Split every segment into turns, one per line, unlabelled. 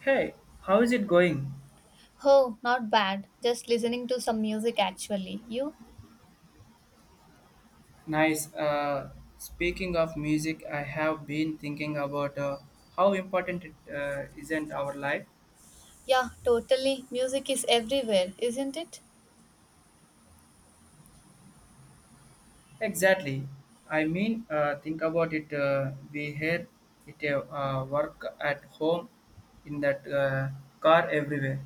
Hey, how is it going?
Oh, not bad. Just listening to some music actually. You?
Nice. Speaking of music, I have been thinking about how important it is in our life.
Yeah, totally. Music is everywhere, isn't it?
Exactly. I mean, think about it. We hear it work at home, in that car everywhere.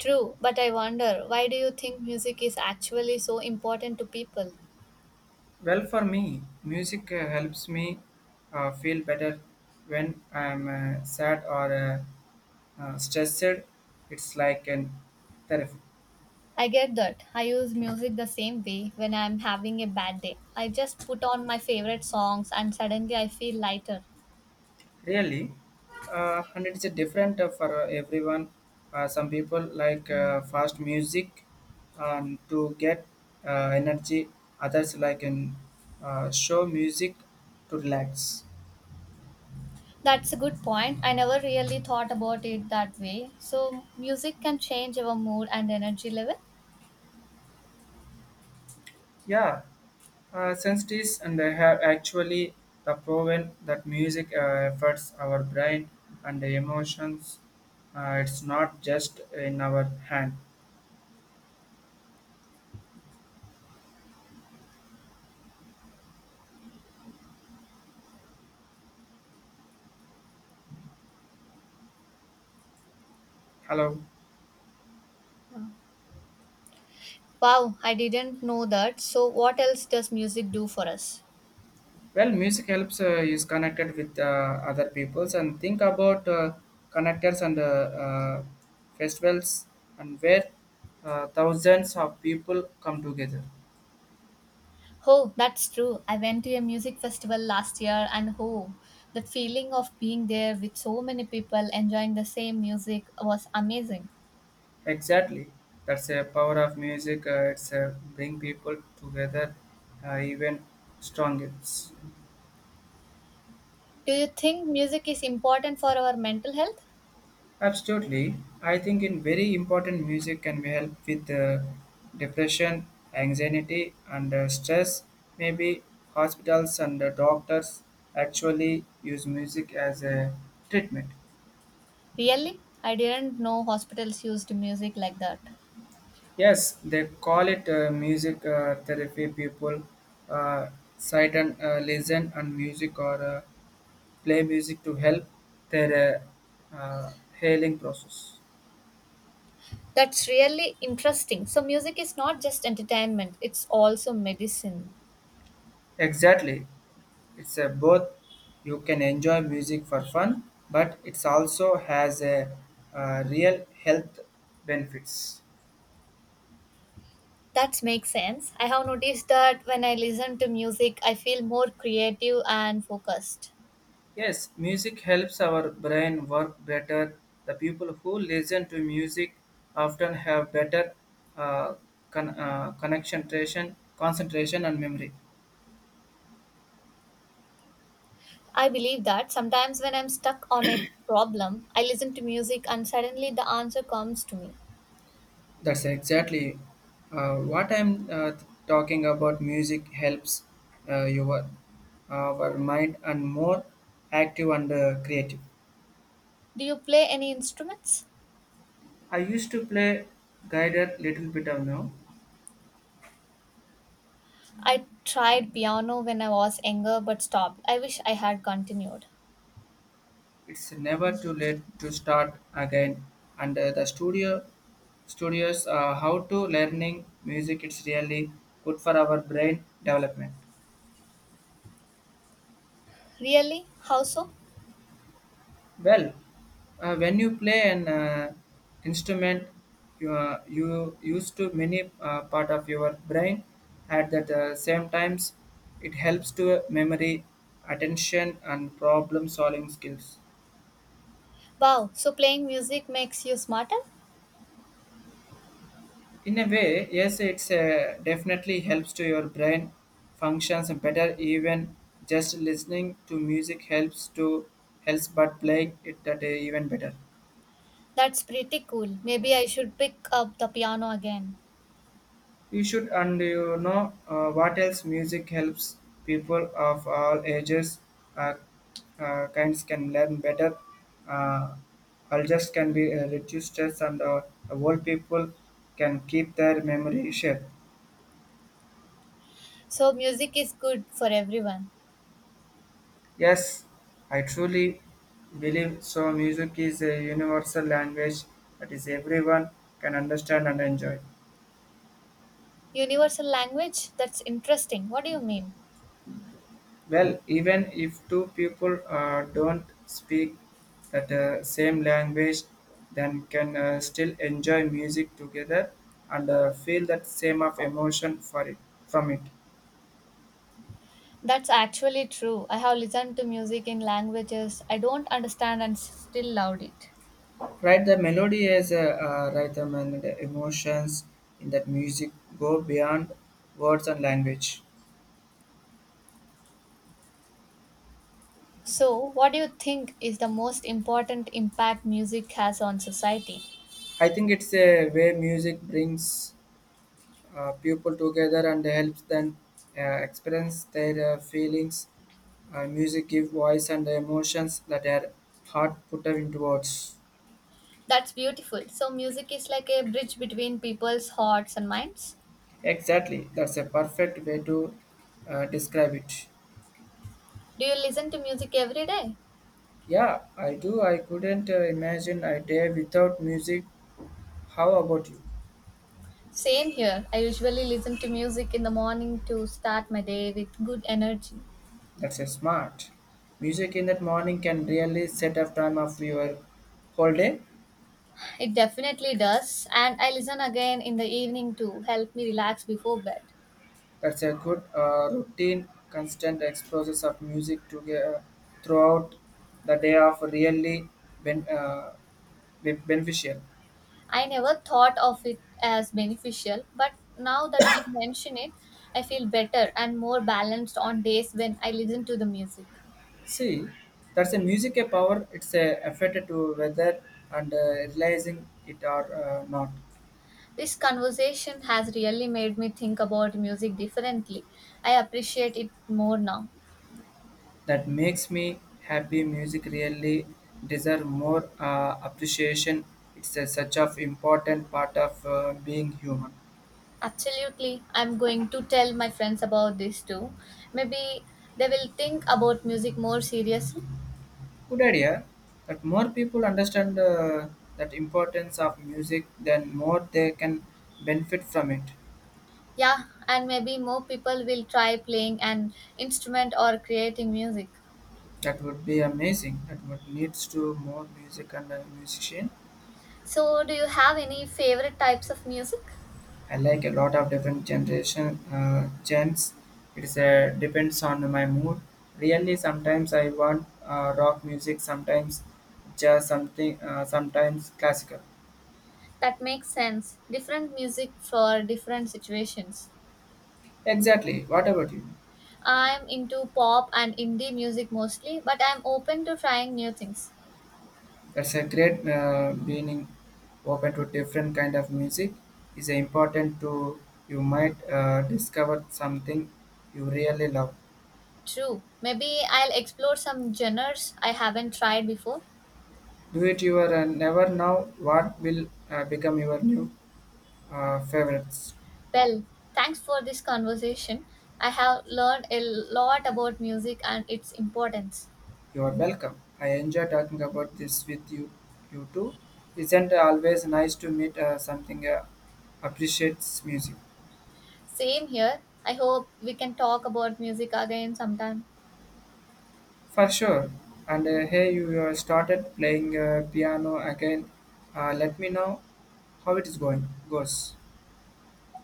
True, but I wonder, why do you think music is actually so important to people?
Well, for me, music helps me feel better when I'm sad or stressed. It's like an therapy.
I get that. I use music the same way when I'm having a bad day. I just put on my favorite songs and suddenly I feel lighter.
Really, and it's a different for everyone. Some people like fast music to get energy. Others like in show music to relax.
That's a good point. I never really thought about it that way. So, music can change our mood and energy level.
Yeah, since this and I have actually the proven that music affects our brain and the emotions. It's not just in our hand. Hello.
Wow. Wow, I didn't know that. So, what else does music do for us?
Well, music helps is connected with other peoples and think about connectors and festivals and where thousands of people come together.
Oh, that's true. I went to a music festival last year, and oh, the feeling of being there with so many people enjoying the same music was amazing.
Exactly, that's the power of music. It's bring people together even strongest.
Do you think music is important for our mental health?
Absolutely. I think in very important music can be help with depression, anxiety, and stress. Maybe hospitals and doctors actually use music as a treatment.
Really? I didn't know hospitals used music like that.
Yes, they call it music therapy. People uh, sit and listen and music or play music to help their uh, uh, healing process.
That's really interesting. So, music is not just entertainment, it's also medicine.
Exactly. It's a both you can enjoy music for fun, but it's also has a real health benefits.
That makes sense. I have noticed that when I listen to music, I feel more creative and focused.
Yes, music helps our brain work better. The people who listen to music often have better uh, concentration and memory.
I believe that sometimes when I'm stuck on a problem, I listen to music and suddenly the answer comes to me.
That's exactly what I'm talking about. Music helps your our mind and more active and creative.
Do you play any instruments?
I used to play guided little bit of now.
I tried piano when I was younger but stopped. I wish I had continued.
It's never too late to start again. And the studios how to learning music it's really good for our brain development.
Really? How so?
Well, when you play an instrument, you used to many part of your brain. At that same times, it helps to memory, attention, and problem solving skills.
Wow, so playing music makes you smarter?
In a way, yes, it's definitely helps to your brain functions better, even just listening to music helps to helps but playing it that even better.
That's pretty cool. Maybe I should pick up the piano again.
You should, and you know what else music helps people of all ages uh, kinds can learn better, uh, all just can be reduced stress and old people can keep their memory sharp.
So, music is good for everyone.
Yes, I truly believe so. Music is a universal language that is everyone can understand and enjoy.
Universal language? That's interesting. What do you mean?
Well, even if two people don't speak that same language, then can still enjoy music together and feel that same of emotion for it from it.
That's actually true. I have listened to music in languages I don't understand and still loved it.
Right, the melody is a rhythm and the emotions in that music go beyond words and language.
So, what do you think is the most important impact music has on society?
I think it's a way music brings people together and helps them experience their feelings. Music gives voice and emotions that are hard put into words.
That's beautiful. So, music is like a bridge between people's hearts and minds.
Exactly, that's a perfect way to describe it.
Do you listen to music every day?
Yeah, I do. I couldn't imagine a day without music. How about you?
Same here. I usually listen to music in the morning to start my day with good energy.
That's a smart. Music in that morning can really set up time of your whole day.
It definitely does, and I listen again in the evening to help me relax before bed.
That's a good routine, constant exposures of music to throughout the day of really ben- uh, beneficial.
I never thought of it as beneficial, but now that you mention it, I feel better and more balanced on days when I listen to the music.
See, that's a music a power. It's a affected to weather and realizing it or not.
This conversation has really made me think about music differently. I appreciate it more now.
That makes me happy. Music really deserve more appreciation. It's a, such of important part of being human.
Absolutely, I'm going to tell my friends about this too. Maybe they will think about music more seriously.
Good idea. That more people understand that importance of music, then more they can benefit from it.
Yeah, and maybe more people will try playing an instrument or creating music.
That would be amazing. That would needs to more music and musician.
So, do you have any favorite types of music?
I like a lot of different generation genres. It is depends on my mood. Really, sometimes I want rock music, sometimes jazz, something, sometimes classical.
That makes sense. Different music for different situations.
Exactly. What about you?
I'm into pop and indie music mostly, but I'm open to trying new things.
That's a great, being open to different kind of music is important to you might discover something you really love.
True. Maybe I'll explore some genres I haven't tried before.
Do it, you are never know what will become your new favorites.
Well, thanks for this conversation. I have learned a lot about music and its importance.
You are welcome. I enjoy talking about this with you too. Isn't always nice to meet something appreciates music.
Same here. I hope we can talk about music again sometime.
For sure. And hey, you started playing piano again. Let me know how it is going. Goes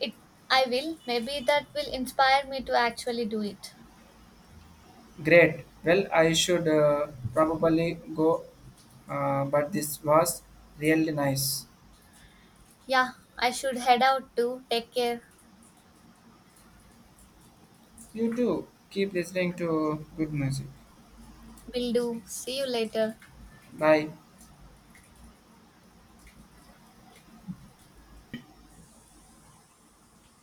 It I will. Maybe that will inspire me to actually do it.
great. Well, I should probably go, but this was really nice.
Yeah, I should head out too. Take care.
You too. Keep listening to good music.
Will do. See you later.
Bye.